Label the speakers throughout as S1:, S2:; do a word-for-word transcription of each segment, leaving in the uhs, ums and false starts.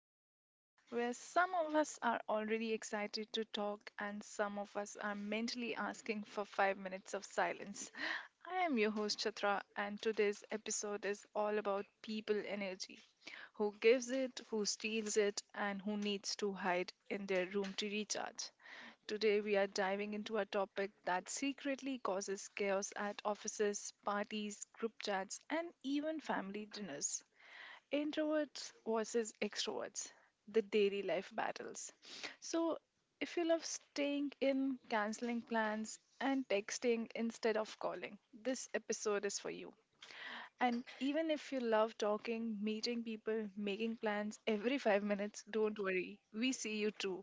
S1: Chitra Chats, where some of us are already excited to talk and some of us are mentally asking for five minutes of silence. I am your host, Chitra, and today's episode is all about people energy: who gives it, who steals it, and who needs to hide in their room to recharge. Today, we are diving into a topic that secretly causes chaos at offices, parties, group chats, and even family dinners: introverts versus extroverts, the daily life battles. So, if you love staying in, canceling plans, and texting instead of calling, this episode is for you. And even if you love talking, meeting people, making plans every five minutes, don't worry, we see you too.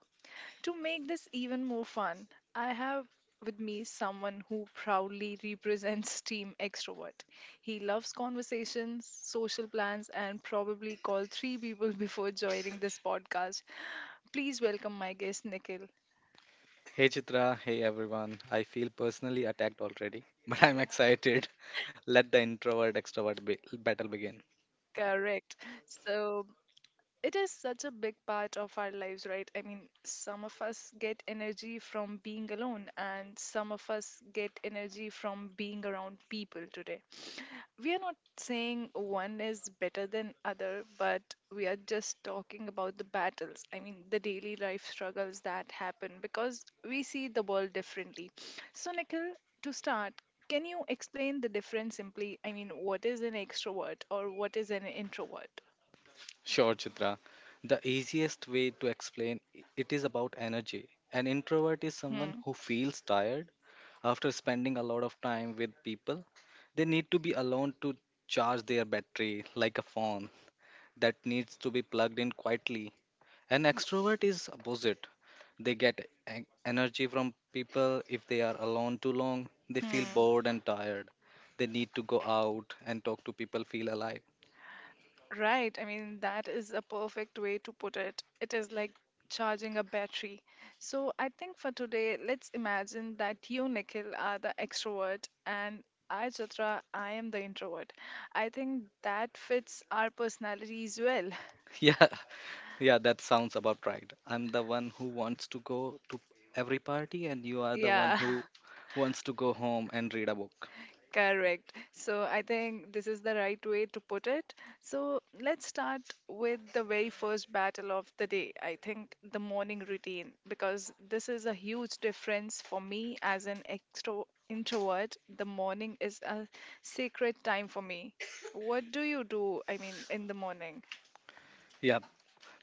S1: To make this even more fun, I have with me someone who proudly represents Team Extrovert. He loves conversations, social plans, and probably called three people before joining this podcast. Please welcome my guest, Nikhil.
S2: Hey Chitra, hey everyone. I feel personally attacked already, but I'm excited. Let the introvert extrovert be- battle begin.
S1: Correct. So, it is such a big part of our lives, right? I mean, some of us get energy from being alone, and some of us get energy from being around people today. We are not saying one is better than other, but we are just talking about the battles. I mean, the daily life struggles that happen because we see the world differently. So, Nikhil, to start, can you explain the difference simply? I mean, what is an extrovert or what is an introvert?
S2: Sure, Chitra. The easiest way to explain i- it is about energy. An introvert is someone
S1: Hmm.
S2: who feels tired after spending a lot of time with people. They need to be alone to charge their battery like a phone that needs to be plugged in quietly. An extrovert is opposite. They get en- energy from people if they are alone too long. They feel
S1: Hmm.
S2: bored and tired. They need to go out and talk to people, feel alive.
S1: Right. I mean, that is a perfect way to put it. It is like charging a battery. So I think for today, let's imagine that you, Nikhil, are the extrovert and I, Chitra, I am the introvert. I think that fits our personalities well.
S2: Yeah, yeah, that sounds about right. I'm the one who wants to go to every party, and you are the one
S1: Yeah.
S2: who wants to go home and read a book.
S1: Correct. So I think this is the right way to put it. So let's start with the very first battle of the day. I think the morning routine, because this is a huge difference for me as an extro introvert. The morning is a sacred time for me. What do you do? I mean, in the morning?
S2: Yeah,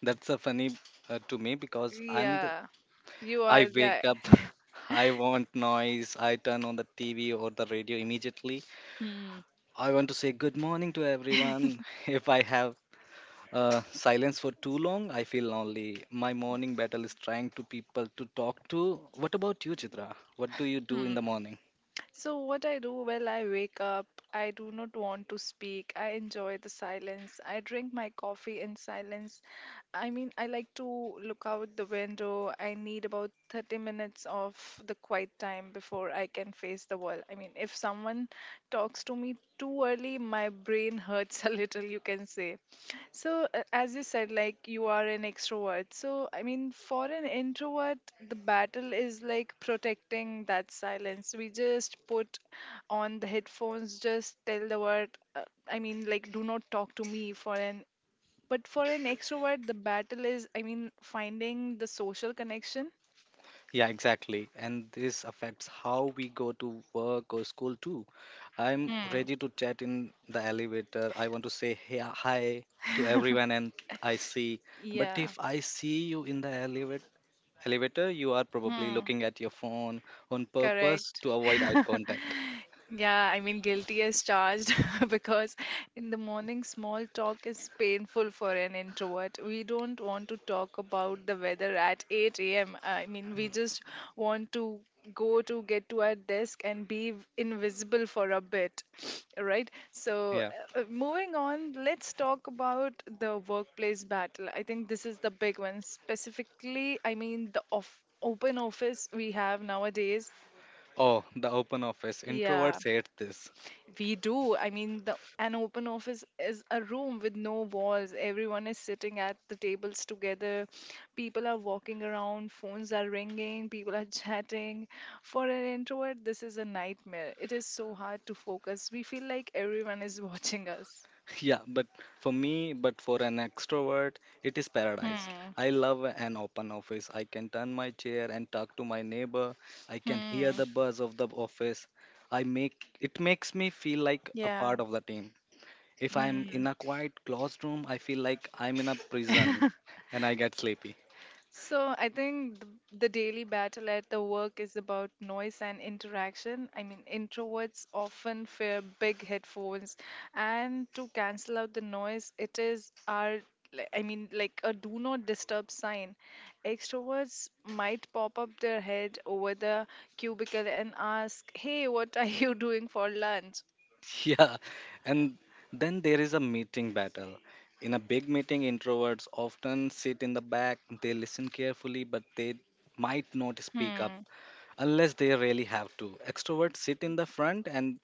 S2: that's a funny uh, to me because I'm the
S1: Yeah, you
S2: I
S1: are there.
S2: wake up. I want noise. I turn on the T V or the radio immediately.
S1: Hmm.
S2: I want to say good morning to everyone. If I have uh, silence for too long, I feel lonely. My morning battle is trying to people to talk to. What about you, Chitra? What do you do in
S1: Hmm.
S2: the morning?
S1: So, what I do. Well, I wake up, I do not want to speak. I enjoy the silence. I drink my coffee in silence. I mean, I like to look out the window. I need about thirty minutes of the quiet time before I can face the world. I mean, if someone talks to me too early, my brain hurts a little, you can say. So, uh, as you said, like you are an extrovert. So, I mean, for an introvert, the battle is like protecting that silence. We just put on the headphones, just tell the word, uh, I mean, like, do not talk to me for an. But for an extrovert, the battle is, I mean, finding the social connection.
S2: Yeah, exactly. And this affects how we go to work or school too. I'm
S1: Hmm.
S2: ready to chat in the elevator. I want to say hey, uh, hi to everyone and I see. But
S1: Yeah.
S2: if I see you in the elevator, elevator, you are probably
S1: Hmm.
S2: looking at your phone on purpose
S1: Correct.
S2: to avoid eye contact.
S1: Yeah, I mean, guilty as charged because in the morning, small talk is painful for an introvert. We don't want to talk about the weather at eight a m. I mean, we just want to go to get to our desk and be v- invisible for a bit, right? So,
S2: Yeah.
S1: uh, uh, moving on, let's talk about the workplace battle. I think this is the big one. Specifically, I mean, the off open office we have nowadays.
S2: Oh, the open office.
S1: Yeah,
S2: Introverts hate this.
S1: we do. I mean, the an open office is a room with no walls. Everyone is sitting at the tables together. People are walking around, phones are ringing, people are chatting. For an introvert, this is a nightmare. It is so hard to focus. We feel like everyone is watching us.
S2: Yeah, but for me, but for an extrovert, it is paradise.
S1: Hmm.
S2: I love an open office. I can turn my chair and talk to my neighbor. I can
S1: Hmm.
S2: hear the buzz of the office. I make it makes me feel like a
S1: Yeah.
S2: part of the team. If I'm in a quiet classroom, I feel like I'm in a prison and I get sleepy.
S1: So I think th- the daily battle at the work is about noise and interaction. I mean, introverts often fear big headphones, and to cancel out the noise, it is our li- I mean, like a do not disturb sign. Extroverts might pop up their head over the cubicle and ask, "Hey, what are you doing for lunch?"
S2: Yeah, and then there is a meeting battle. In a big meeting, introverts often sit in the back, they listen carefully, but they might not speak up
S1: Hmm.
S2: unless they really have to. Extroverts sit in the front and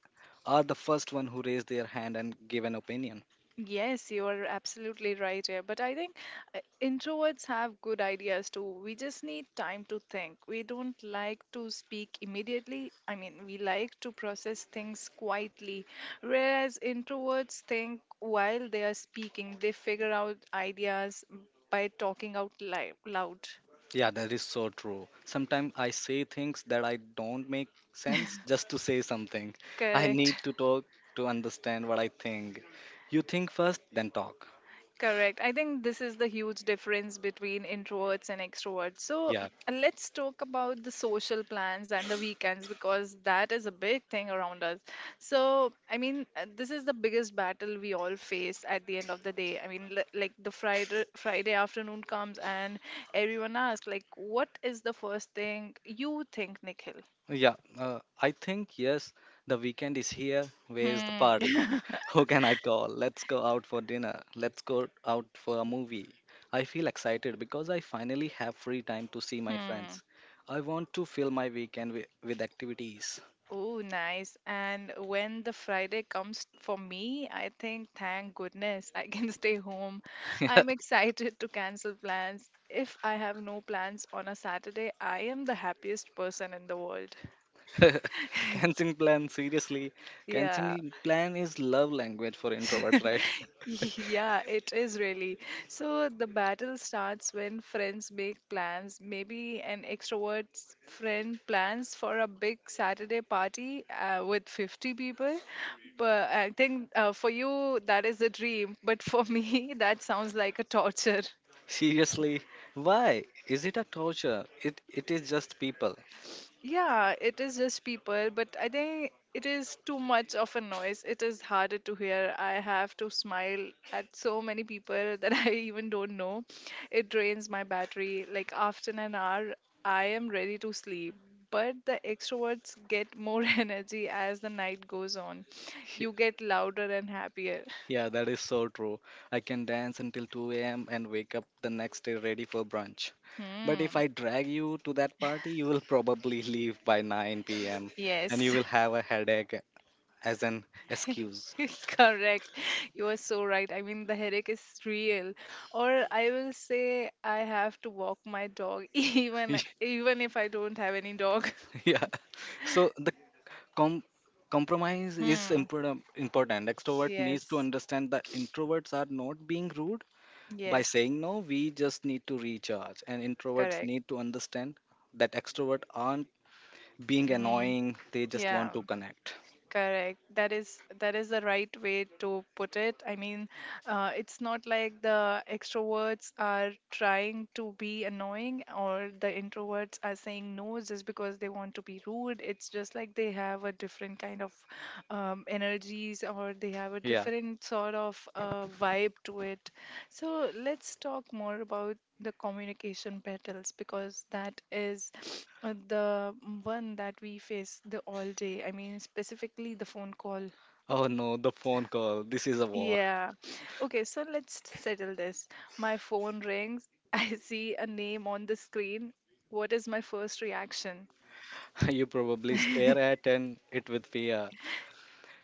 S2: are the first one who raise their hand and give an opinion.
S1: Yes, you are absolutely right here. But I think uh, introverts have good ideas too. We just need time to think. We don't like to speak immediately. I mean, we like to process things quietly. Whereas introverts think while they are speaking, they figure out ideas by talking out li- loud.
S2: Yeah, that is so true. Sometimes I say things that I don't make sense just to say something. I
S1: Correct.
S2: need to talk to understand what I think. You think first, then talk.
S1: Correct. I think this is the huge difference between introverts and extroverts. So,
S2: Yeah.
S1: mm, let's talk about the social plans and the weekends because that is a big thing around us. So, I mean, uh, this is the biggest battle we all face at the end of the day. I mean, li- like the Friday Friday afternoon comes and everyone asks, like, what is the first thing you think, Nikhil?
S2: Yeah, uh, I think yes, the weekend is here. Where's the
S1: Hmm.
S2: party? Who can I call? Let's go out for dinner. Let's go out for a movie. I feel excited because I finally have free time to see my
S1: Hmm.
S2: friends. I want to fill my weekend with, with activities.
S1: Oh, nice. And when the Friday comes for me, I think, thank goodness, I can stay home. I'm excited to cancel plans. If I have no plans on a Saturday, I am the happiest person in the world.
S2: Canceling plan, seriously.
S1: Yeah.
S2: Canceling plan is love language for introverts, right?
S1: Yeah, it is really. So the battle starts when friends make plans. Maybe an extrovert's friend plans for a big Saturday party uh, with fifty people. But I think uh, for you, that is a dream. But for me, that sounds like a torture.
S2: Seriously, why? Is it a torture? It it is just people.
S1: Yeah, it is just people, but I think it is too much of a noise. It is harder to hear. I have to smile at so many people that I even don't know. It drains my battery. Like after an hour, I am ready to sleep. But the extroverts get more energy as the night goes on. You get louder and happier.
S2: Yeah, that is so true. I can dance until two a m and wake up the next day ready for brunch. But if
S1: Hmm.
S2: I drag you to that party, you will probably leave by nine p m and you
S1: Yes.
S2: will have a headache as an excuse.
S1: Correct. You are so right. I mean, the headache is real. Or I will say I have to walk my dog even even if I don't have any dog.
S2: Yeah. So the com- compromise is
S1: Hmm.
S2: important. important. Extrovert needs to
S1: Yes.
S2: understand that introverts are not being rude by
S1: Yes.
S2: saying no. We just need to recharge, and introverts
S1: Correct.
S2: need to understand that extroverts aren't being
S1: Mm,
S2: annoying, they just
S1: yeah.
S2: want to connect.
S1: Correct. That is that is the right way to put it. I mean, uh, it's not like the extroverts are trying to be annoying or the introverts are saying no just because they want to be rude. It's just like they have a different kind of um, energies or they have a
S2: Yeah.
S1: different sort of uh, vibe to it. So let's talk more about the communication battles because that is uh, the one that we face the all day. I mean, specifically the phone call.
S2: Oh no, the phone call. This is a war.
S1: Yeah, okay, so let's settle this. My phone rings, I see a name on the screen. What is my first reaction?
S2: You probably stare at and it with fear.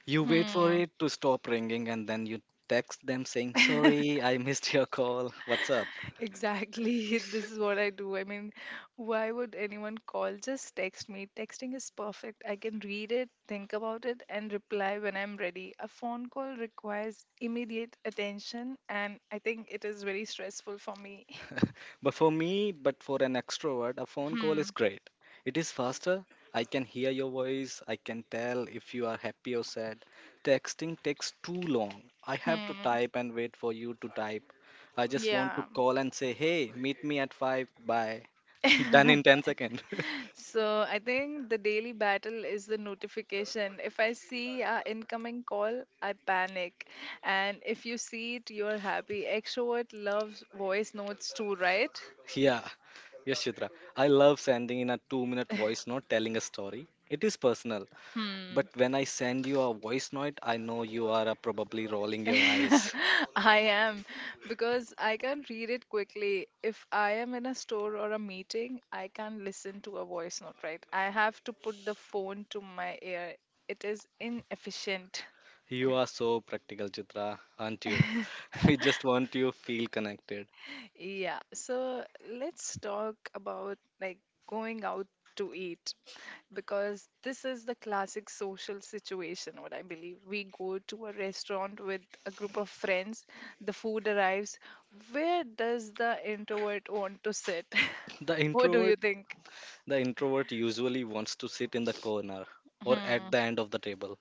S2: You wait for
S1: Hmm.
S2: it to stop ringing and then you text them saying, "Sorry, I missed your call. What's up?"
S1: Exactly. This is what I do. I mean, why would anyone call? Just text me. Texting is perfect. I can read it, think about it, and reply when I'm ready. A phone call requires immediate attention, and I think it is very stressful for me.
S2: But for me, but for an extrovert, a phone call
S1: Hmm.
S2: is great. It is faster. I can hear your voice. I can tell if you are happy or sad. Texting takes too long. I have to
S1: Hmm.
S2: type and wait for you to type. I just want
S1: Yeah.
S2: to call and say, hey, meet me at five. Bye. Done in ten seconds.
S1: So I think the daily battle is the notification. If I see an incoming call, I panic. And if you see it, you're happy. Extrovert loves voice notes too, right?
S2: yeah. Yes, Chitra. I love sending in a two minute voice note telling a story. It is personal. But
S1: Hmm.
S2: when I send you a voice note, I know you are uh, probably rolling your eyes.
S1: I am, because I can read it quickly. If I am in a store or a meeting, I can't listen to a voice note, right? I have to put the phone to my ear. It is inefficient.
S2: You are so practical, Chitra, aren't you? We just want you to feel connected.
S1: Yeah, so let's talk about like going out to eat, because this is the classic social situation, what I believe. We go to a restaurant with a group of friends, the food arrives. Where does the introvert want to sit?
S2: The
S1: What do you
S2: introvert,
S1: think?
S2: the introvert usually wants to sit in the corner or
S1: Hmm.
S2: at the end of the table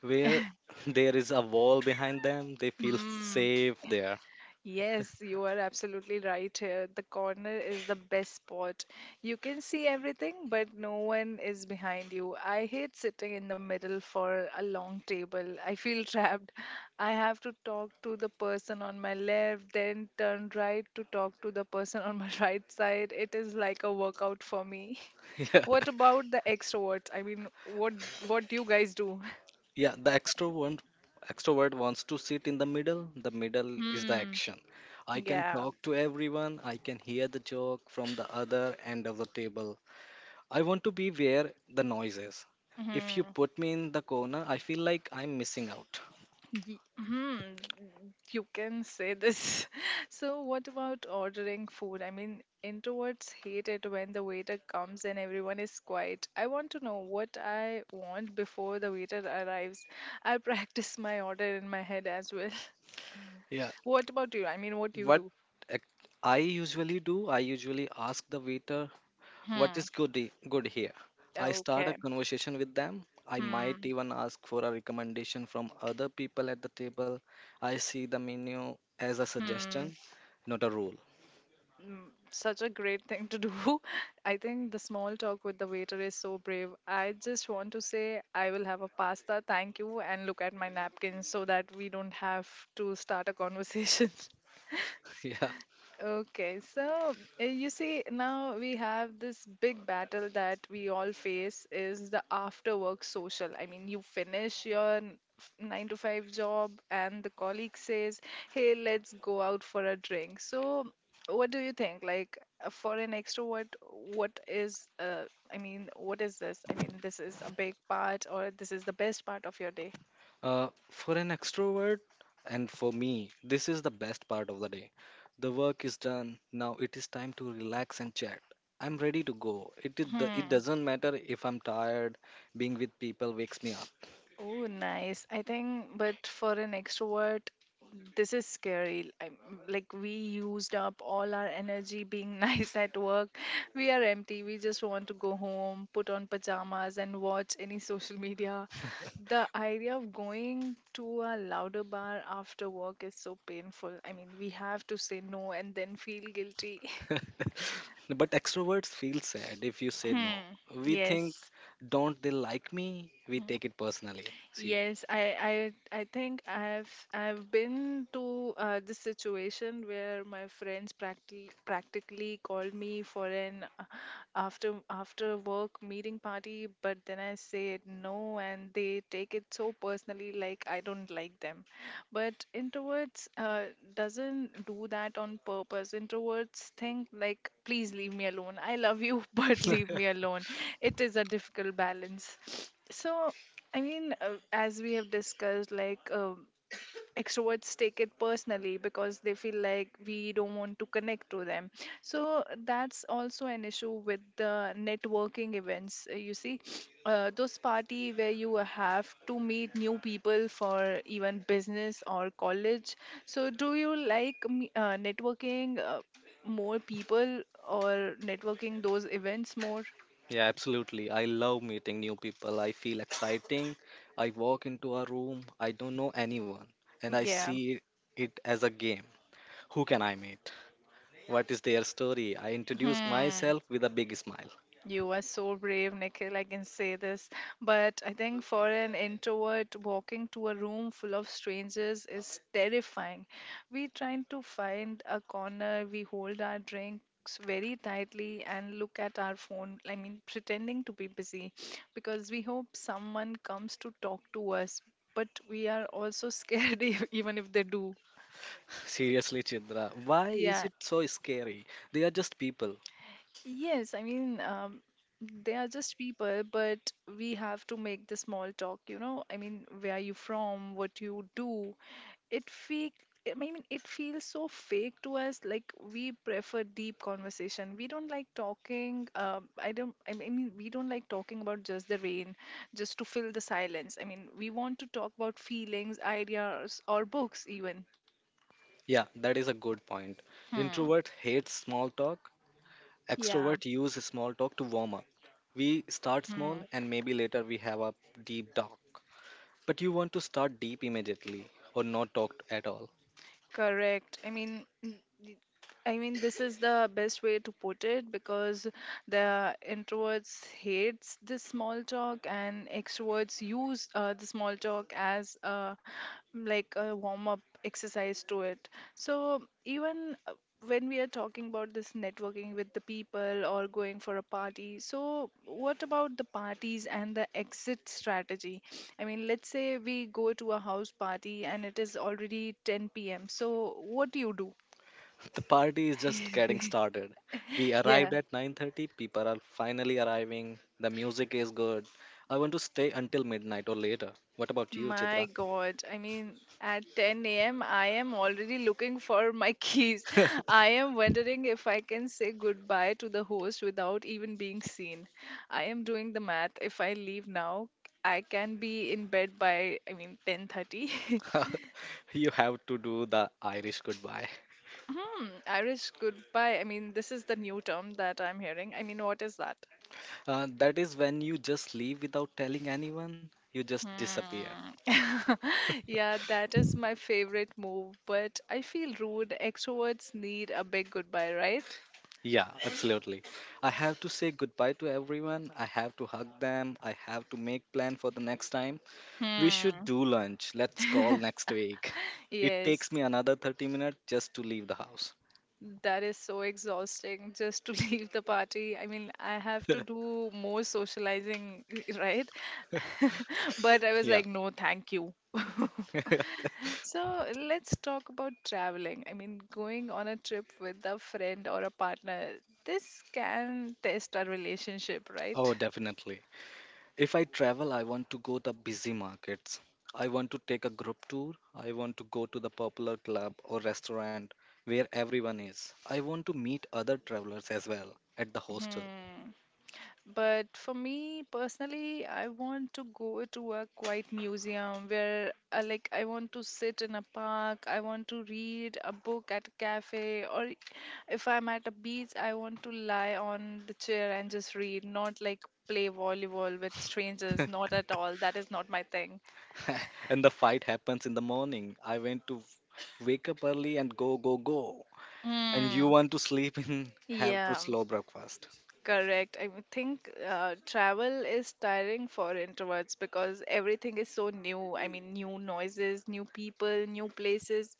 S2: where there is a wall behind them. They feel
S1: Hmm.
S2: safe there.
S1: Yes, you are absolutely right here. The corner is the best spot. You can see everything, but no one is behind you. I hate sitting in the middle for a long table. I feel trapped. I have to talk to the person on my left, then turn right to talk to the person on my right side. It is like a workout for me.
S2: Yeah,
S1: What about the extroverts? I mean, what what do you guys do?
S2: yeah. The extrovert, extrovert wants to sit in the middle. The middle is the
S1: Hmm.
S2: action. I can
S1: Yeah.
S2: talk to everyone. I can hear the joke from the other end of the table. I want to be where the noise is. If you
S1: Mm-hmm.
S2: put me in the corner, I feel like I'm missing out.
S1: Ye- Hmm, you can say this. So, what about ordering food? I mean, introverts hate it when the waiter comes and everyone is quiet. I want to know what I want before the waiter arrives. I practice my order in my head as well.
S2: Yeah.
S1: What about you? I mean, what you
S2: What
S1: do?
S2: ac- I usually do, I usually ask the waiter, what
S1: Hmm.
S2: is good, he- good here? I start a
S1: Okay.
S2: conversation with them. I might
S1: Hmm.
S2: even ask for a recommendation from other people at the table. I see the menu as a
S1: Hmm.
S2: suggestion, not a rule.
S1: mm, Such a great thing to do. I think the small talk with the waiter is so brave. I just want to say, "I will have a pasta, thank you," and look at my napkin so that we don't have to start a conversation.
S2: Yeah.
S1: Okay, so uh, you see, now we have this big battle that we all face is the after work social. I mean, you finish your n- f- nine to five job, and the colleague says, "Hey, let's go out for a drink." So, what do you think? Like, uh, for an extrovert, what is, uh, I mean, what is this? I mean, this is a big part, or this is the best part of your day?
S2: Uh, for an extrovert and for me, this is the best part of the day. The work is done. Now it is time to relax and chat. I'm ready to go. It did the, it doesn't matter if I'm tired. Being with people wakes me up.
S1: Oh, nice. I think, but for an extrovert, this is scary. I like, we used up all our energy being nice at work. We are empty. We just want to go home, put on pajamas, and watch any social media. The idea of going to a louder bar after work is so painful. I mean, we have to say no and then feel guilty.
S2: But extroverts feel sad if you say no.
S1: Hmm.
S2: We think,
S1: Yes.
S2: don't they like me? We
S1: Hmm.
S2: take it personally. See,
S1: Yes, I, I, I think I've I've been to uh, this situation where my friends practically practically called me for an uh, after after work meeting party, but then I said no, and they take it so personally, like I don't like them. But introverts uh, doesn't do that on purpose. Introverts think like, please leave me alone. I love you, but leave me alone. It is a difficult balance. So I mean, uh, as we have discussed, like um extroverts take it personally because they feel like we don't want to connect to them. So that's also an issue with the networking events. uh, You see, uh, those party where you have to meet new people for even business or college. So do you like me- uh, networking uh, more people or networking those events more?
S2: yeah, absolutely. I love meeting new people. I feel exciting. I walk into a room. I don't know anyone, and I
S1: Yeah.
S2: see it as a game. Who can I meet? What is their story? I introduce
S1: Hmm.
S2: myself with a big smile.
S1: You are so brave, Nikhil. I can say this. But I think for an introvert, walking to a room full of strangers is terrifying. We trying to find a corner, we hold our drinks very tightly and look at our phone. I mean, pretending to be busy because we hope someone comes to talk to us, but we are also scared even if they do.
S2: Seriously, Chidra, why is
S1: Yeah,
S2: it so scary? They are just people.
S1: yes, I mean, um, they are just people, but we have to make the small talk, you know. I mean, where are you from? What you do? It fake. I mean, it feels so fake to us. Like we prefer deep conversation. We don't like talking. Um, I don't. I mean, we don't like talking about just the rain, just to fill the silence. I mean, we want to talk about feelings, ideas, or books even.
S2: Yeah, that is a good point.
S1: Hmm.
S2: Introvert hates small talk.
S1: Yeah.
S2: Extrovert use small talk to warm up. We start
S1: Hmm.
S2: small and maybe later we have a deep talk. But you want to start deep immediately or not talk at all.
S1: Correct. I mean, n- y- I mean, this is the best way to put it because the introverts hates this small talk and extroverts use uh, the small talk as a, like a warm up exercise to it. So even uh, when we are talking about this networking with the people or going for a party, so what about the parties and the exit strategy? I mean, let's say we go to a house party and it is already ten p m. So, what do you do?
S2: The party is just getting started. We
S1: Yeah,
S2: arrived at nine thirty. People are finally arriving. The music is good. I want to stay until midnight or later. What about you,
S1: my
S2: Chitra?
S1: God. I mean, at ten a m, I am already looking for my keys. I am wondering if I can say goodbye to the host without even being seen. I am doing the math. If I leave now, I can be in bed by, I mean, ten thirty.
S2: you have to do the Irish goodbye.
S1: Hmm, Irish goodbye. I mean, this is the new term that I'm hearing. I mean, what is that?
S2: Uh, that is when you just leave without telling anyone. You just disappear.
S1: Hmm. Yeah, that is my favorite move, but I feel rude. Extroverts need a big goodbye, right?
S2: Yeah, absolutely. I have to say goodbye to everyone. I have to hug them. I have to make plan for the next time. We should
S1: Hmm.
S2: do lunch. Let's call next week. It
S1: Yes,
S2: takes me another thirty minutes just to leave the house.
S1: that is so exhausting just to leave the party. I mean, I have to do more socializing, right? But I was
S2: Yeah.
S1: like, no, thank you. So let's talk about traveling. I mean, going on a trip with a friend or a partner, this can test a relationship, right?
S2: Oh, definitely. If I travel, I want to go to busy markets. I want to take a group tour. I want to go to the popular club or restaurant where everyone is. I want to meet other travelers as well at the hostel.
S1: Hmm. But for me personally, I want to go to a quiet museum where, uh, like, I want to sit in a park, I want to read a book at a cafe, or if I'm at a beach, I want to lie on the chair and just read, not like play volleyball with strangers, not at all. That is not my thing.
S2: and the fight happens in the morning. I want to wake up early and go, go, go. And you
S1: Mm.
S2: want to sleep in, have to
S1: Yeah.
S2: slow breakfast.
S1: Correct. I would think uh, travel is tiring for introverts because everything is so new. I mean, new noises, new people, new places.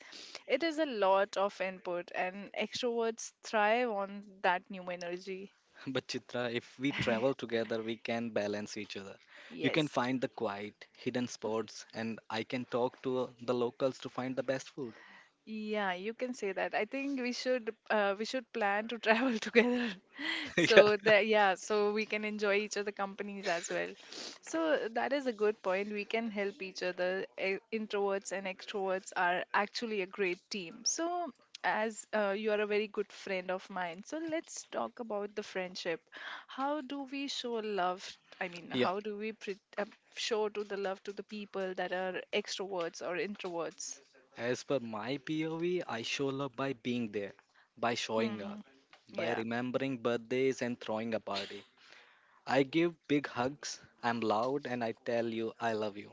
S1: It is a lot of input, and extroverts thrive on that new energy.
S2: But Chitra, if we travel together, we can balance each other. You can
S1: Yes.
S2: find the quiet, hidden spots, and I can talk to the locals to find the best food.
S1: Yeah, you can say that. I think we should uh, We should plan to travel together.
S2: Yeah,
S1: So that, yeah, so we can enjoy each other companies as well, so that is a good point, we can help each other. E- introverts and extroverts are actually a great team. So, as uh, you are a very good friend of mine, so let's talk about the friendship. How do we show love? I mean
S2: yeah.
S1: how do we pre- uh, Show to the love to the people that are extroverts or introverts.
S2: As per my P O V, I show love by being there, by showing up,
S1: Hmm.
S2: by
S1: Yeah.
S2: remembering birthdays and throwing a party. I give big hugs, I'm loud, and I tell you I love you.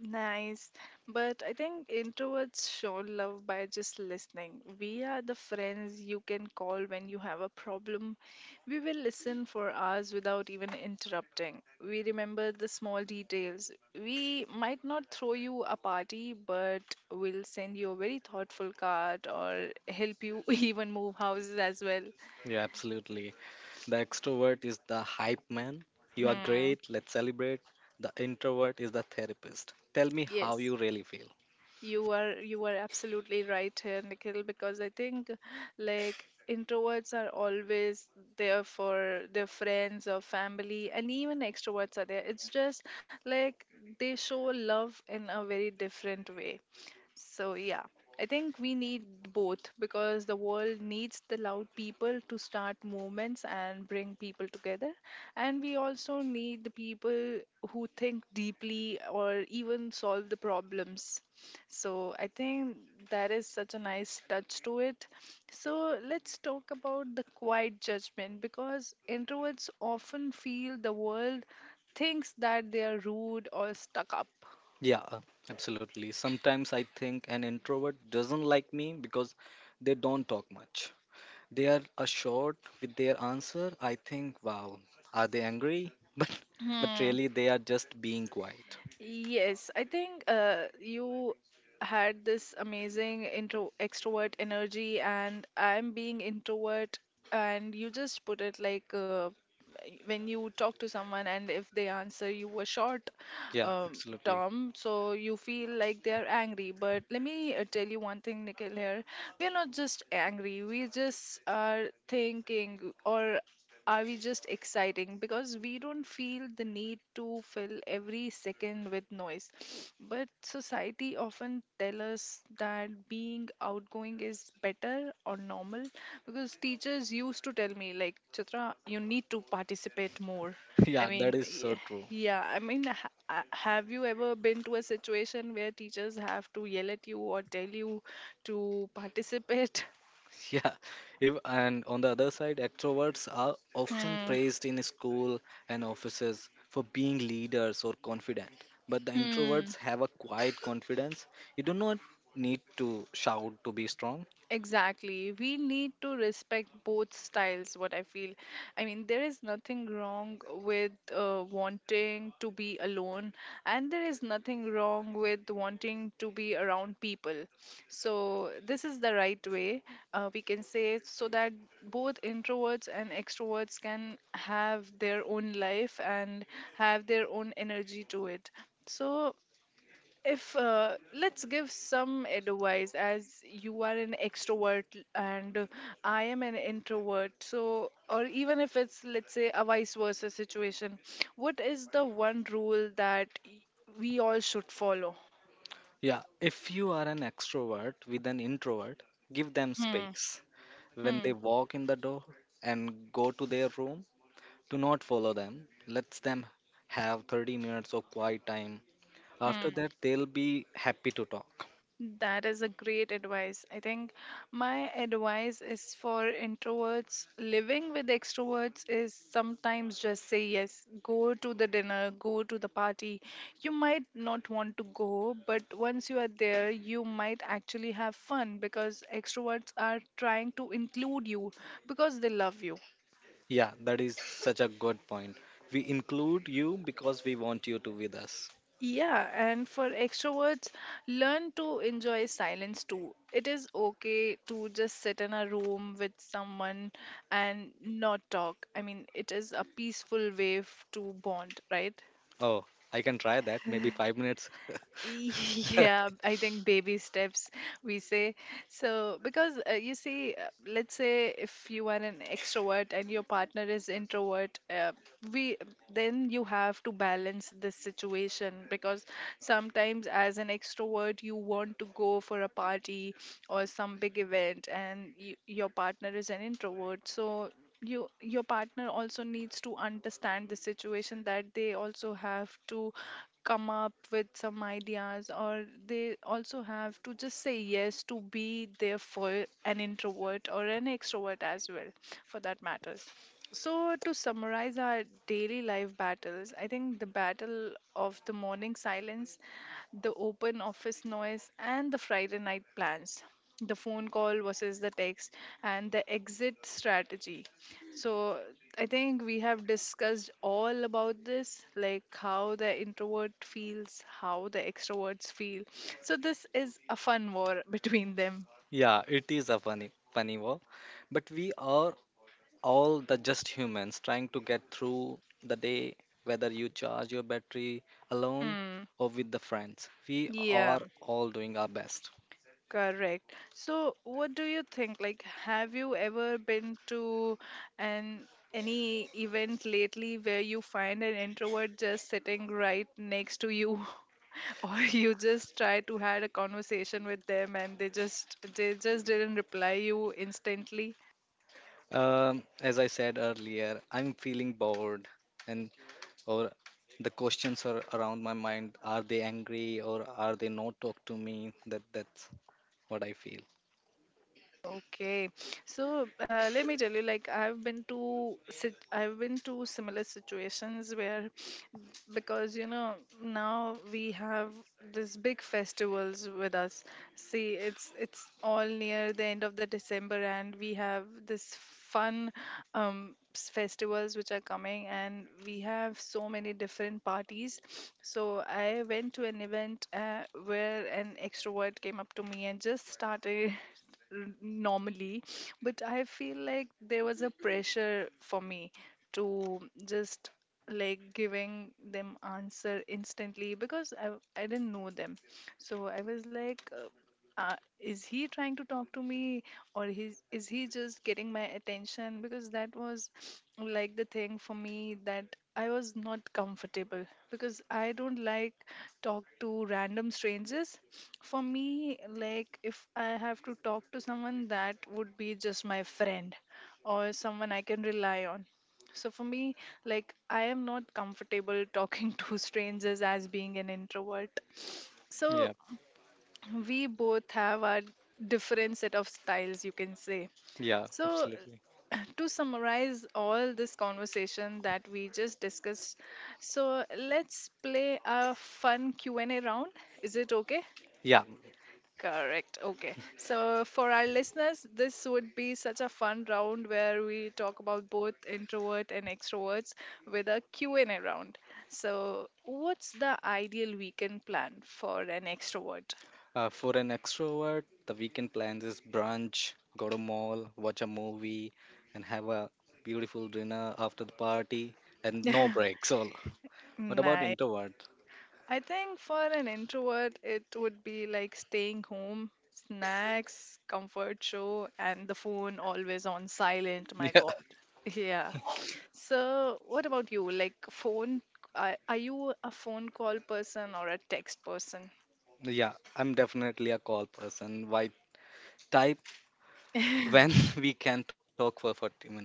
S1: Nice. But I think introverts show love by just listening. We are the friends you can call when you have a problem. We will listen for hours without even interrupting. We remember the small details. We might not throw you a party, but we'll send you a very thoughtful card or help you even move houses as well.
S2: Yeah, absolutely. The extrovert is the hype man. You are
S1: Hmm.
S2: great, let's celebrate. The introvert is the therapist. Tell me how
S1: Yes.
S2: you really feel.
S1: You are you are absolutely right here, Nikhil, because I think like introverts are always there for their friends or family, and even extroverts are there. It's just like they show love in a very different way. So, yeah, I think we need both because the world needs the loud people to start movements and bring people together. And we also need the people who think deeply or even solve the problems. So, I think that is such a nice touch to it. So, let's talk about the quiet judgment because introverts often feel the world thinks that they are rude or stuck up.
S2: Yeah, uh, absolutely. Sometimes I think an introvert doesn't like me because they don't talk much. They are assured with their answer. I think, wow, are they angry? But but
S1: Hmm.
S2: really they are just being quiet.
S1: Yes, I think uh, you had this amazing intro extrovert energy, and I'm being introvert, and you just put it like uh, when you talk to someone, and if they answer you a short
S2: Yeah,
S1: um,
S2: absolutely.
S1: term, so you feel like they are angry. But let me uh, tell you one thing, Nikhil. Here, we are not just angry; we just are thinking, or are we just exciting because we don't feel the need to fill every second with noise, but society often tell us that being outgoing is better or normal, because teachers used to tell me like, Chitra, you need to participate more. i
S2: Yeah, that
S1: mean
S2: is so
S1: y-
S2: true.
S1: yeah, I mean, ha- ha- have you ever been to a situation where teachers have to yell at you or tell you to participate?
S2: Yeah, if, and on the other side, extroverts are often
S1: Hmm.
S2: praised in school and offices for being leaders or confident. But the
S1: Hmm.
S2: introverts have a quiet confidence. You do not need to shout to be strong.
S1: Exactly. We need to respect both styles, what I feel. I mean, there is nothing wrong with uh, wanting to be alone, and there is nothing wrong with wanting to be around people. So, this is the right way, uh, we can say, so that both introverts and extroverts can have their own life and have their own energy to it. So, if uh, let's give some advice, as you are an extrovert and uh, I am an introvert, so, or even if it's, let's say, a vice versa situation, what is the one rule that y- we all should follow?
S2: Yeah, if you are an extrovert with an introvert, give them
S1: Hmm.
S2: space. When they
S1: Hmm.
S2: walk in the door and go to their room, do not follow them. Let them have thirty minutes of quiet time.
S1: Hmm.
S2: After that, they'll be happy to talk.
S1: That is a great advice. I think my advice is for introverts living with extroverts is sometimes just say yes. Go to the dinner, go to the party. You might not want to go, but once you are there, you might actually have fun because extroverts are trying to include you because they love you.
S2: Yeah, that is such a good point. We include you because we want you to with us.
S1: Yeah, and for extroverts, learn to enjoy silence too. It is okay to just sit in a room with someone and not talk. I mean, it is a peaceful way f- to bond, right?
S2: Oh, I can try that. Maybe five minutes.
S1: Yeah, I think baby steps, we say. So, because uh, you see, uh, let's say if you are an extrovert and your partner is introvert, uh, we then you have to balance this situation because sometimes as an extrovert you want to go for a party or some big event and y your partner is an introvert, so you your partner also needs to understand the situation, that they also have to come up with some ideas, or they also have to just say yes to be there for an introvert or an extrovert as well, for that matter. So, to summarize our daily life battles, I think the battle of the morning silence, the open office noise, and the Friday night plans, the phone call versus the text, and the exit strategy. So, I think we have discussed all about this, like how the introvert feels, how the extroverts feel. So this is a fun war between them.
S2: yeah, it is a funny, funny war. But we are all the just humans trying to get through the day, whether you charge your battery alone
S1: Hmm.
S2: or with the friends. We
S1: Yeah.
S2: are all doing our best.
S1: Correct. So, what do you think? Like, have you ever been to an any event lately where you find an introvert just sitting right next to you, or you just try to had a conversation with them and they just they just didn't reply you instantly?
S2: Um, as I said earlier, I'm feeling bored and or the questions are around my mind are they angry or are they not talk to me that that's what I feel.
S1: Okay, so uh, let me tell you, like I've been to sit, I've been to similar situations where, because you know now we have this big festivals with us. See, it's it's all near the end of the December, and we have this fun um, s- festivals which are coming, and we have so many different parties. So I went to an event uh, where an extrovert came up to me and just started r- normally, but I feel like there was a pressure for me to just like giving them answer instantly because i, I didn't know them, so I was like uh, uh, is he trying to talk to me or he's, is he just getting my attention, because that was like the thing for me that I was not comfortable because I don't like talk to random strangers. For me, like if I have to talk to someone, that would be just my friend or someone I can rely on. So for me, like I am not comfortable talking to strangers as being an introvert. So
S2: Yeah,
S1: we both have our different set of styles, you can say.
S2: yeah
S1: So,
S2: absolutely.
S1: to summarize all this conversation that we just discussed, so let's play a fun Q and A round. Is it okay?
S2: Yeah,
S1: Correct. Okay. So for our listeners, this would be such a fun round where we talk about both introvert and extroverts with a Q and A round. So what's the ideal weekend plan for an extrovert?
S2: uh, for an extrovert the weekend plans is brunch, go to mall, watch a movie, and have a beautiful dinner after the party, and no breaks all. What about
S1: Nice.
S2: introvert?
S1: I think for an introvert, it would be like staying home, snacks, comfort show, and the phone always on silent. My
S2: Yeah,
S1: God. Yeah. So, what about you? Like, phone, are, are you a phone call person or a text person?
S2: yeah I'm definitely a call person. Why type when we can talk for forty minutes?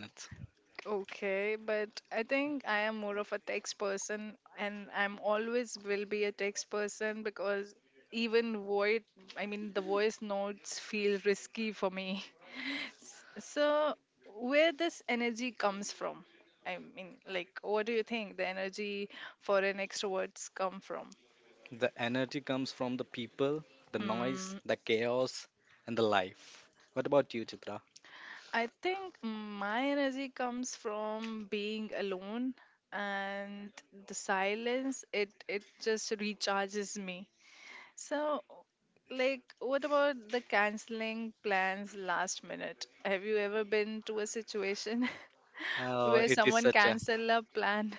S1: Okay, but I think I am more of a text person and I'm always will be a text person because even void, I mean, the voice notes feel risky for me. So, where this energy comes from? I mean, like, what do you think the energy for an extroverts come from?
S2: The energy comes from the people, the noise,
S1: Hmm.
S2: the chaos, and the life. What about you, Chitra?
S1: I think my energy comes from being alone and the silence. It it just recharges me. So, like, what about the canceling plans last minute? Have you ever been to a situation
S2: Uh,
S1: where
S2: it is
S1: someone
S2: such a
S1: cancel a plan?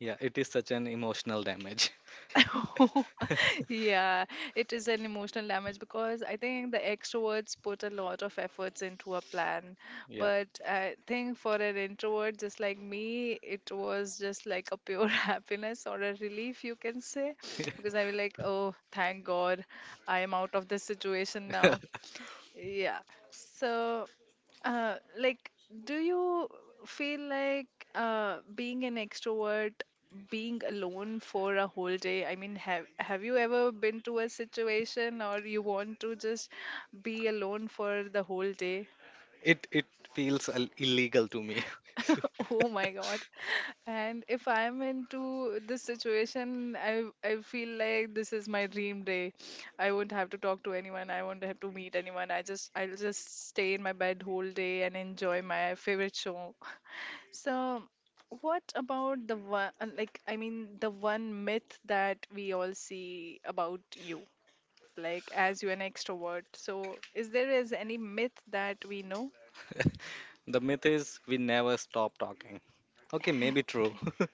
S2: yeah, it is such an emotional damage.
S1: Yeah, it is an emotional damage because I think the extroverts put a lot of efforts into a plan.
S2: Yeah,
S1: But I think for an introvert just like me, it was just like a pure happiness or a relief, you can say. Because I was like, oh, thank God, I am out of this situation now. Yeah. So uh, like, do you feel like uh, being an extrovert, being alone for a whole day? I mean, have have you ever been to a situation or you want to just be alone for the whole day?
S2: it it feels ill- illegal to me.
S1: Oh my God. And if I'm into this situation, I I feel like this is my dream day. I won't have to talk to anyone. I won't have to meet anyone. I just I'll just stay in my bed whole day and enjoy my favorite show. So, what about the one, uh, like, I mean, the one myth that we all see about you, like, as you're an extrovert? So, is there is any myth that we know?
S2: the myth is we never stop talking. Okay, maybe true.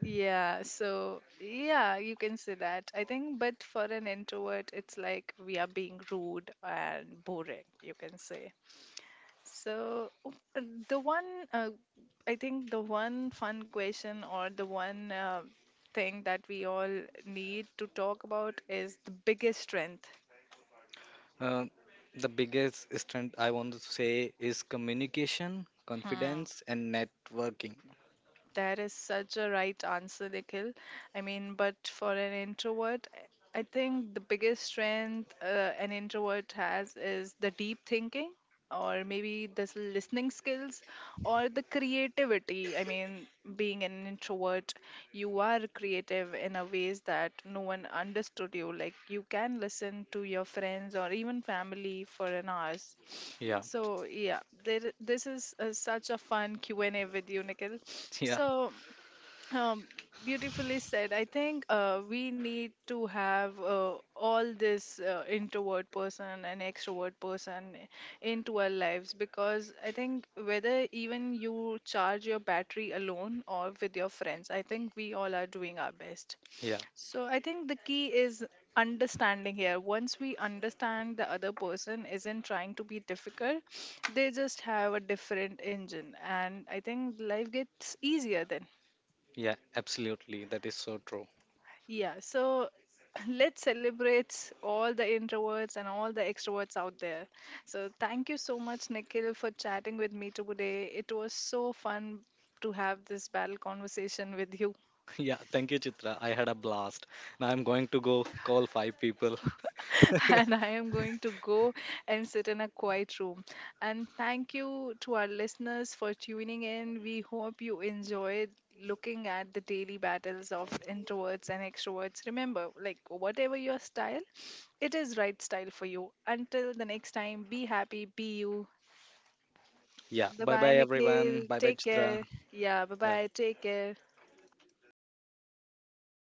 S1: Yeah, so yeah, you can say that. I think, but for an introvert, it's like we are being rude and boring, you can say. So uh, the one, uh, I think the one fun question or the one uh, thing that we all need to talk about is the biggest strength.
S2: Uh, the biggest strength I want to say is communication,
S1: Hmm.
S2: confidence, and networking.
S1: That is such a right answer, Nikhil. I mean, but for an introvert, I I think the biggest strength uh, an introvert has is the deep thinking, or maybe the s- listening skills, or the creativity. I mean, being an introvert you are creative in a ways that no one understood you, like you can listen to your friends or even family for an hour.
S2: Yeah,
S1: So yeah there, this is uh, such a fun Q and A with you, Nikhil.
S2: yeah,
S1: So um, beautifully said. I think uh, we need to have uh, all this uh, introvert person and extrovert person into our lives, because I think whether even you charge your battery alone or with your friends, I think we all are doing our best.
S2: yeah,
S1: So I think the key is understanding here. Once we understand the other person isn't trying to be difficult, they just have a different engine, and I think life gets easier then.
S2: yeah, absolutely. That is so true.
S1: Yeah, so let's celebrate all the introverts and all the extroverts out there. So thank you so much, Nikhil, for chatting with me today. It was so fun to have this battle conversation with you.
S2: Yeah, thank you, Chitra. I had a blast. Now I'm going to go call five people.
S1: And I am going to go and sit in a quiet room. And thank you to our listeners for tuning in. We hope you enjoyed looking at the daily battles of introverts and extroverts. Remember, like, whatever your style, it is right style for you. Until the next time, be happy, be you.
S2: yeah,
S1: Bye
S2: bye
S1: bye,
S2: bye, everyone.
S1: Nikhil.
S2: Bye bye,
S1: Take
S2: Chitra.
S1: care. Yeah, bye
S2: Bye.
S1: bye. Take care.